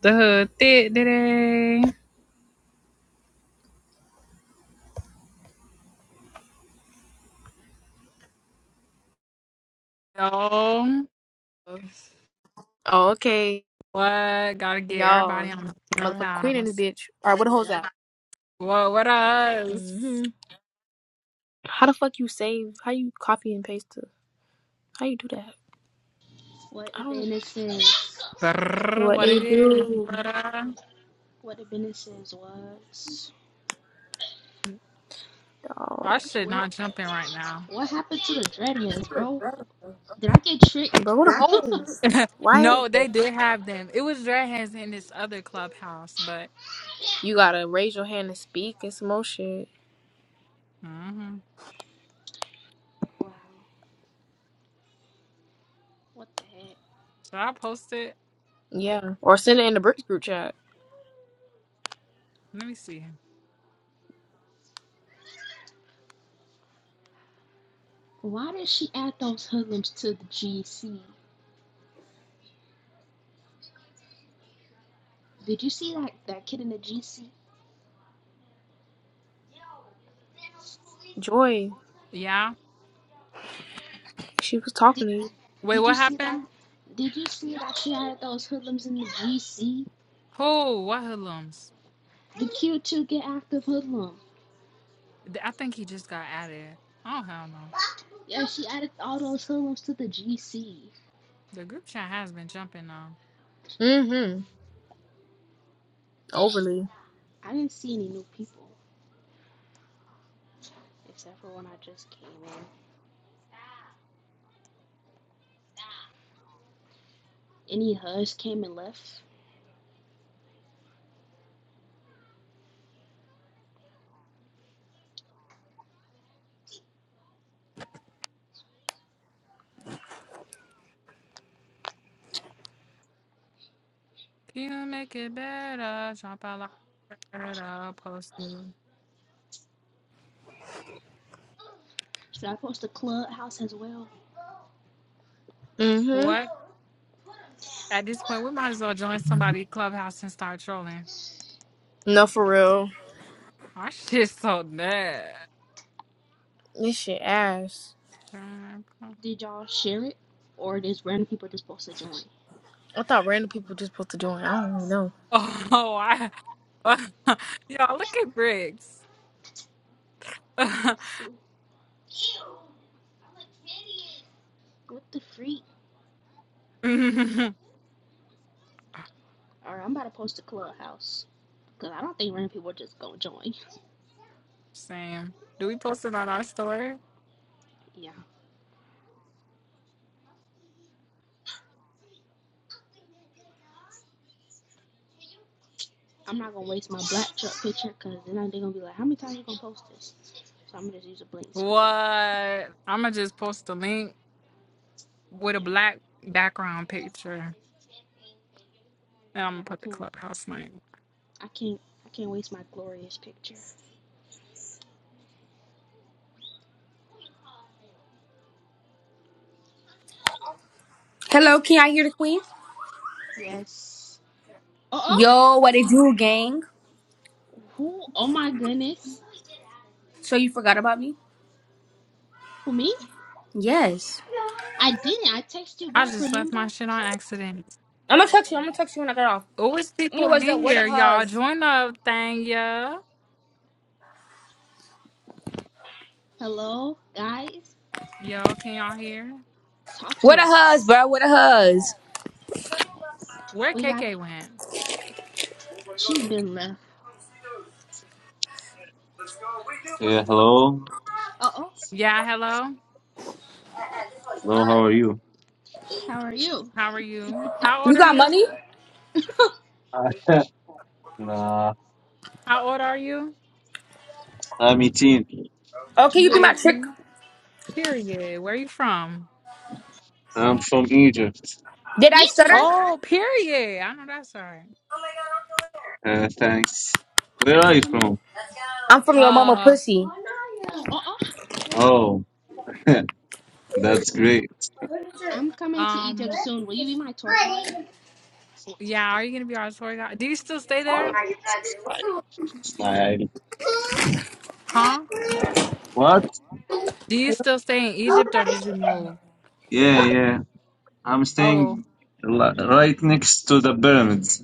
The hood thick today. No. Oh, okay, What? Gotta get everybody y'all. on the Motherfucking queen in this house. bitch. All right, what the hoes at? What? What us? hmm How the fuck you save? How you copy and paste the? How you do that? What I the don't. businesses? Brrr, What what they it do? is? brother? What the businesses was? I Oh, should Where? not jump in right now. What happened to the dreadheads, bro? Did I get tricked? bro, what the wow. hoes? Why? is No, they it- did have them. It was Dreadheads in this other clubhouse, but You gotta raise your hand and speak and some more shit. hmm What the heck? should I posted. Yeah, or send it in the Bricks group chat. Let me see. Why did she add those hoodlums to the GC? Did you see that that kid in the GC? Joy, Yeah. she was Did talking to you. Wait, Did you what see that? happened? Did you see that she added those hoodlums in the GC? Who? What hoodlums? The Q2 get active hoodlum. Th- I think he just got added. Oh hell no. Yeah, she added all those hoodlums to the GC. The group chat has been jumping though. Mm-hmm. Overly. I didn't see any new people except for when I just came in. any hush came and left? You make it better. Jump out like better. Post it. Should I post the clubhouse as well? Mm-hmm. What? At this point, we might as well join somebody clubhouse and start trolling. No, for real. Our shit's so bad. This shit ass. Did y'all share it, or just random people just supposed to join? I thought random people just supposed to join. I don't even know. Oh, I. Y'all, look at Briggs. Let's see. What the freak? All right, I'm about to post the clubhouse because I don't think random people are just gonna join. Same. Do we post it on our story? Yeah, I'm not gonna waste my black truck picture because then they're gonna be like, how many times are you gonna post this? So I'm gonna just use a blank What? screen. I'm going to just post a link with a Yeah. black background picture. And I'm Yeah, going to I put the can't. clubhouse link. I can't. I can't waste my glorious picture. Hello, can I hear the queen? Yes. Uh oh. Yo, what it do, gang? Who? Oh my goodness. So you forgot about me? Who me? Yes. I didn't. I texted you I back. just left Remember? my shit on accident. I'm gonna text you. I'm gonna text you when I get off. Oh, it's people Anyways, though, in where the here, y'all. huz? Join the thing, yeah. Hello, guys. Yo, can y'all hear? Talk Where to the huz, us. bro? Where the huz? Where We got. KK went? She's been left. Yeah, hello. Uh oh. Yeah, hello. Hello, how are you? How are you? How are you? How You old are got you? money? I nah, How old are you? I'm Etin. Oh, can you You be my can. trick? not 18? Period. Where you from? I'm from Egypt. Did I stutter? Egypt. Oh, period. I know that's right. Uh, thanks. Where are I'm you coming. from? I'm from your mama Uh, pussy. Uh oh. Oh, that's great. I'm coming to Egypt um, soon. Will you be my tour guide? yeah, are you gonna be our tour guide? Do you still stay Oh, there? It's my, it's my island. Huh? What? Do you still stay in Egypt or did you move? Yeah, yeah. I'm Oh, staying li- right next to the pyramids.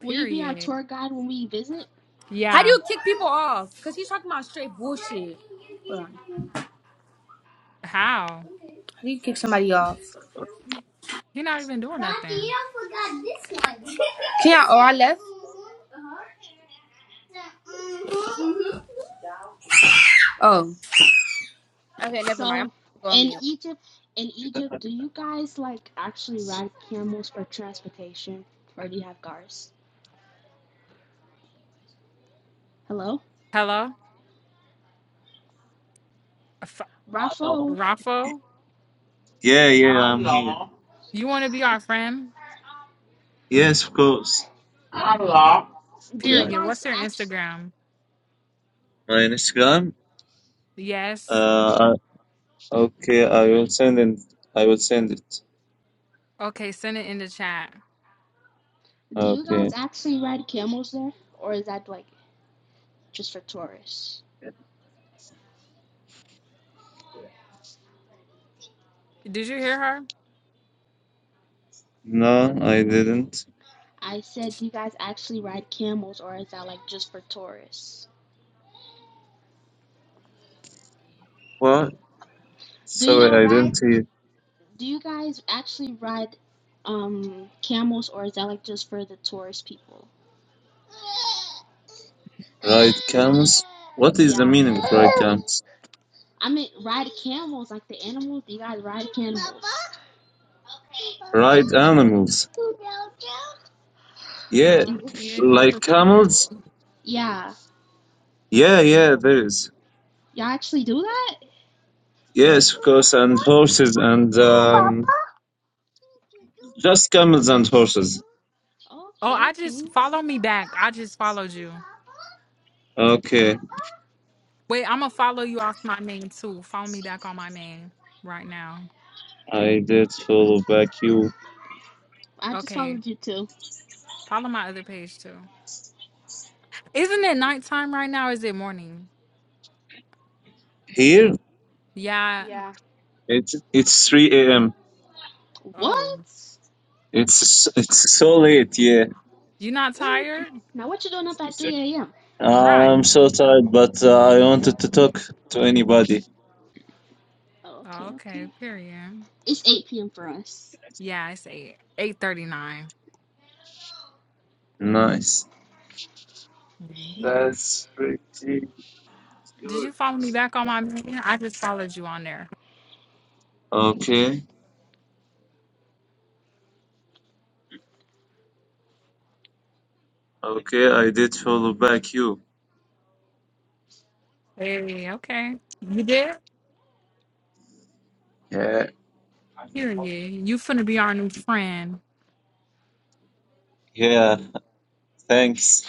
Will you be our period. tour guide when we visit? How do Yeah. you kick people off? Cause he's talking about straight bullshit. Hold on. How? How do you kick somebody off? You're not even doing Can nothing. I? Oh, I left. Oh, okay, never mind. I'm going to So, go on in mute. Egypt, in Egypt, do you guys like actually ride camels for transportation, or do you have cars? Hello, Hello? Raffo. Raffo, Yeah, yeah, I'm here. you want to be our friend? Yes, of course. Do My you Period. guys What's your act? Instagram? Instagram. Yes. Uh, I- okay, I will send it. I will send it. Okay, send it in the chat. Do you guys Okay. actually ride camels there, or is that like just for tourists? Did you hear her? No, I didn't. I said, do you guys actually ride camels, or is that like just for tourists? What? Do Sorry, y'all I ride? didn't hear. Do you guys actually ride um camels, or is that like just for the tourist people? Ride camels? What is the Yeah. meaning of ride camels? I mean, ride camels like the animals. Do you guys ride camels? Ride animals. Yeah, Do Uh, you, you didn't hear like Priscilla. camels? yeah. Yeah, yeah, there is. Y'all actually do that? Yes, of course, and horses and um, just camels and horses. Oh, Okay, I just okay. follow me back. I just followed you. Okay, Wait, I'm gonna follow you off my main too. Follow me back on my main right now. I did follow back you. I just Okay, followed you too. follow my other page too. Isn't it nighttime right now? Or is it morning? Here? Yeah. Yeah. It's it's 3 a.m. Oh, What? It's it's so late, yeah. you not What are you tired? now? What you doing up at three a.m.? I'm Right. so tired, but uh, I wanted to talk to anybody. Oh, Oh, okay, okay. okay. Period. It's eight p.m. for us. Yeah, it's eight eight thirty nine. Nice. Mhm. Yeah. That's pretty. Did you follow me back on my man? I just followed you on there. Okay, okay, I did follow back you. Hey, okay. You did? Yeah. Period. You finna be our new friend. Yeah, thanks.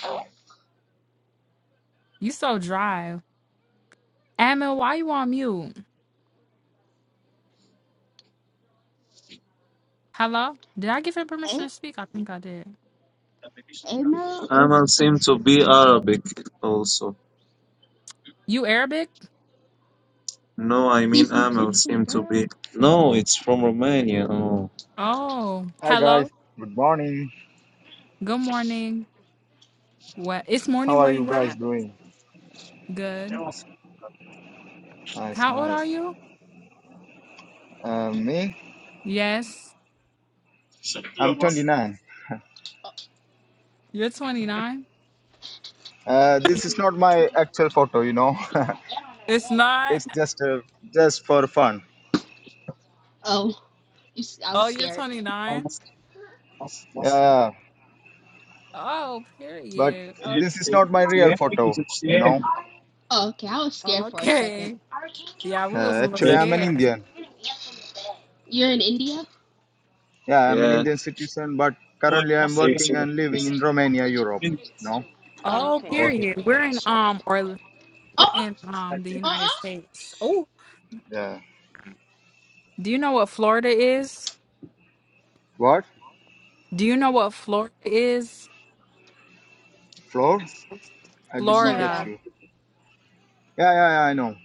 You so dry. Admin, why you on mute? Hello? Did I give him permission A- to speak? I think I did. Amel is Amal a, seem to be Arabic also. You Arabic? No, I he's mean Amal Egyptian seem to girl. be. No, it's from Romania. Oh. Oh. Hi guys, Hello? good morning. Good morning. What it's How morning where are you you guys at? doing? Good. Nice, How old are nice. you? Uh, me, Yes. I'm 29. You're twenty nine? Uh, this is not my actual photo, you know. It's not. it's just uh, just for fun. Oh, you, s- I was Oh, you're scared. twenty nine? Yeah, Oh, but period. Eh, this is not my real Yeah. photo, you know. Oh, okay, I was scared for a second. Okay. Yeah, we was a Uh, little actually, I'm an scared. Indian. You're in India? Yeah, I'm an Indian citizen, but currently I'm See- working you, and living please. in Romania, Europe. No. Oh, Oh, okay. period. We're in um or Uh we're uh-uh, in um the United uh States. Oh, Yeah. do you know what Florida is? What? Do you know what Florida is? Floor? I didn't get Florida. Florida. you. Yeah, yeah, yeah. I know.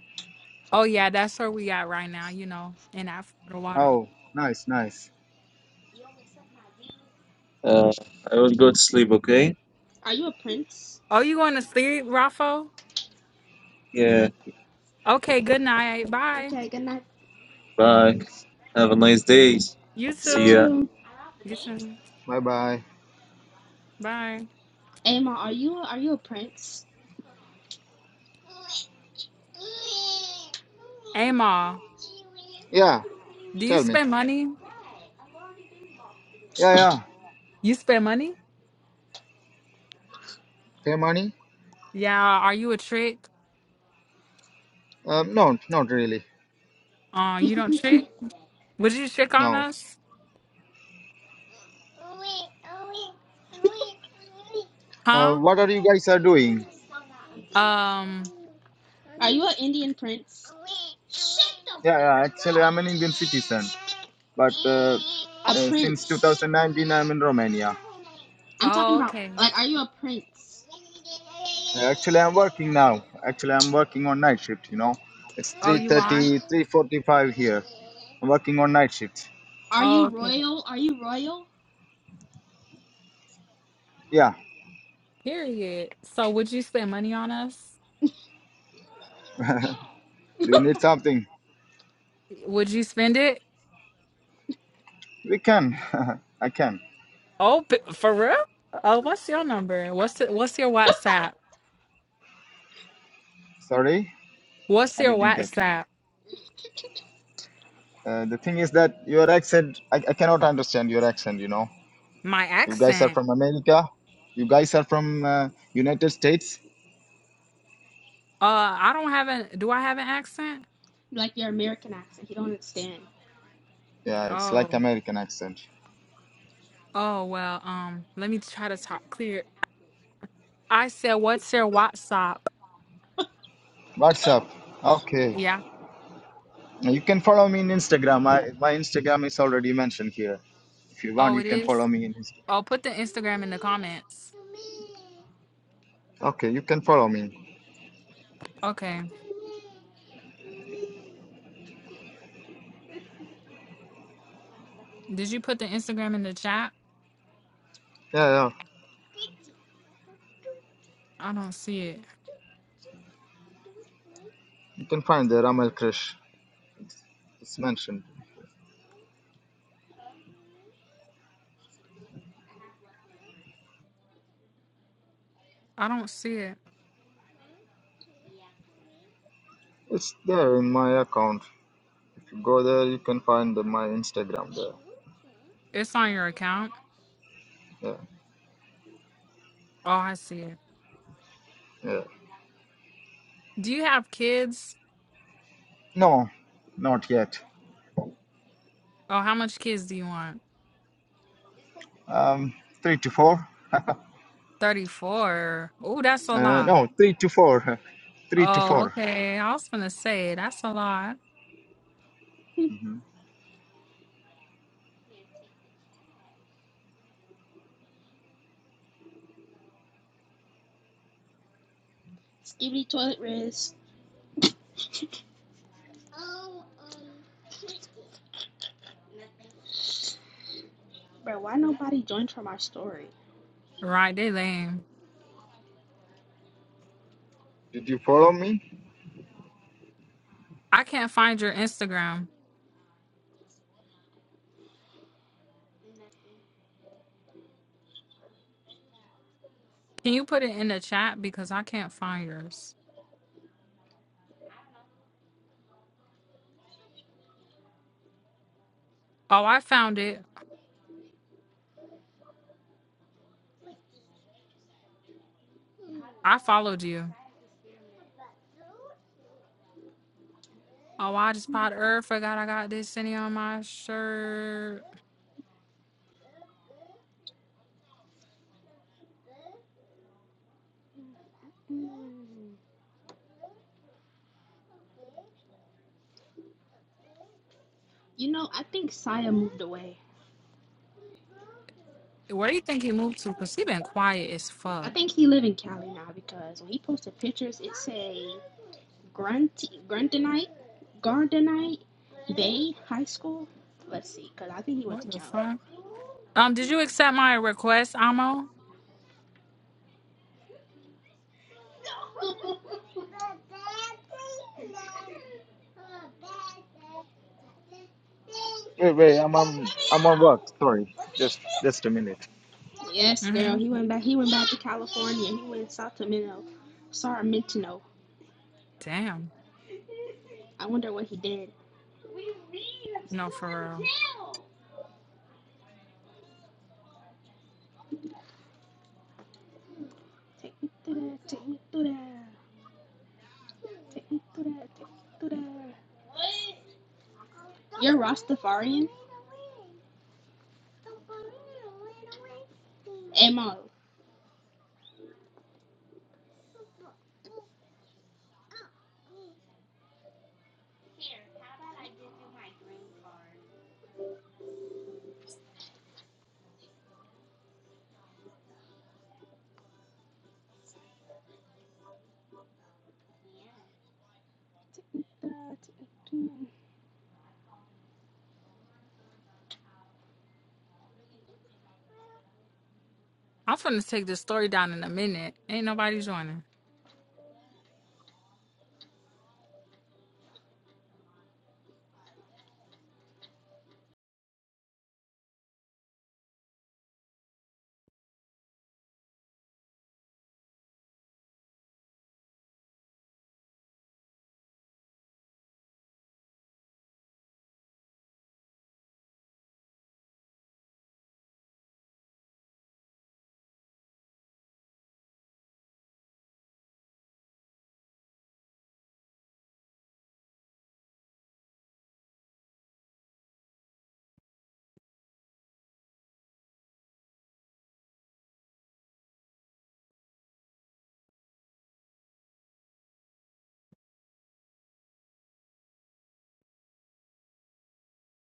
Oh yeah, that's where we at right now, you know, in that Florida water. Oh, nice, nice. Uh, I will go to sleep, okay? Are you a prince? Oh, you going to sleep, Raffo? Yeah, Okay, good night. Bye. Okay, good night. bye. Have a nice day. You You See ya. too. too. You too. Bye, bye. Bye. Emma, are you a, are you a prince? Amal, Yeah. do you Tell me. spend money? Yeah, yeah. You spend money? Pemani? Yeah, are you a trick? Uh, no, not really. Uh, you don't trick? Would you trick on No. us? Uh, Huh? what are you guys are doing? Um. Are you an Indian prince? Shut the Yeah, yeah. Actually, I'm an Indian citizen, but uh, freak up! A uh, since prince. 2019, I'm in Romania. I'm talking Oh, about okay. like, are you a prince? Uh, Actually, I'm working now. Actually, I'm working on night shift. You know, it's Oh, you are. 3:30, 3:45 here. I'm working on night shift. Are Oh, you okay. royal? Are you royal? Yeah. Period. So, would you spend money on us? Do you need something? Would you spend it? We can. I can. Oh, p- for real? Oh, what's your number? What's the, what's your WhatsApp? Sorry, What's I your didn't get you. WhatsApp? Uh, the thing is that your accent, I, I cannot understand your accent. You know. My You guys are accent. from America. You guys are from uh, United States. Uh, I don't have an. Do I have an accent? Like your American accent, he don't understand. Yeah, it's like Oh. American accent. Oh well. Um. Let me try to talk clear. I said, what's your WhatsApp? What's up? Okay. Yeah. You can follow me in Instagram. I, my Instagram is already mentioned here. If you want, Oh, you it can is. follow me in Instagram. Oh, put the Instagram in the comments. Okay, you can follow me. Okay. Did you put the Instagram in the chat? Yeah, yeah. I don't see it. You can find the Ramal Krish. It's, it's mentioned. I don't see it. It's there in my account. If you go there, you can find the, my Instagram there. It's on your account. Yeah, Oh, I see it. yeah. Do you have kids? No, not yet. Oh, how much kids do you want? Um, three to four. 34. Oh, that's a Uh, lot. no, three to four. huh, Three to Oh, 4 okay. I was gonna say that's a lot. Mhm. Skibidi toilet riz. Bro, why nobody joined from our story? Right, they lame. Did you follow me? I can't find your Instagram. Can you put it in the chat because I can't find yours? Oh, I found it. I followed you. Oh, I just popped earth. Forgot I got this city on my shirt. You know, I think Saya moved away. Where do you think he moved to? Cause he been quiet as I fuck. think he live in Cali now because when he posted pictures, it say Grunt Gruntonite, Gardenite Bay High School. Let's see, cause I think he went to What the Cali. fuck? Um, did you accept my request, Amo? Wait, wait. I'm on. I'm on work. Sorry. Just, just a minute. Yes, girl, Mm-hmm. he went back. He went back to California. He went to Sacramento. Sacramento. Damn. I wonder what he did. No, for real. Take me through that. Take me through that. Take me through that. Take me through that. You're Rastafarian? Am I? I'm finna take this story down in a minute. Ain't nobody joining.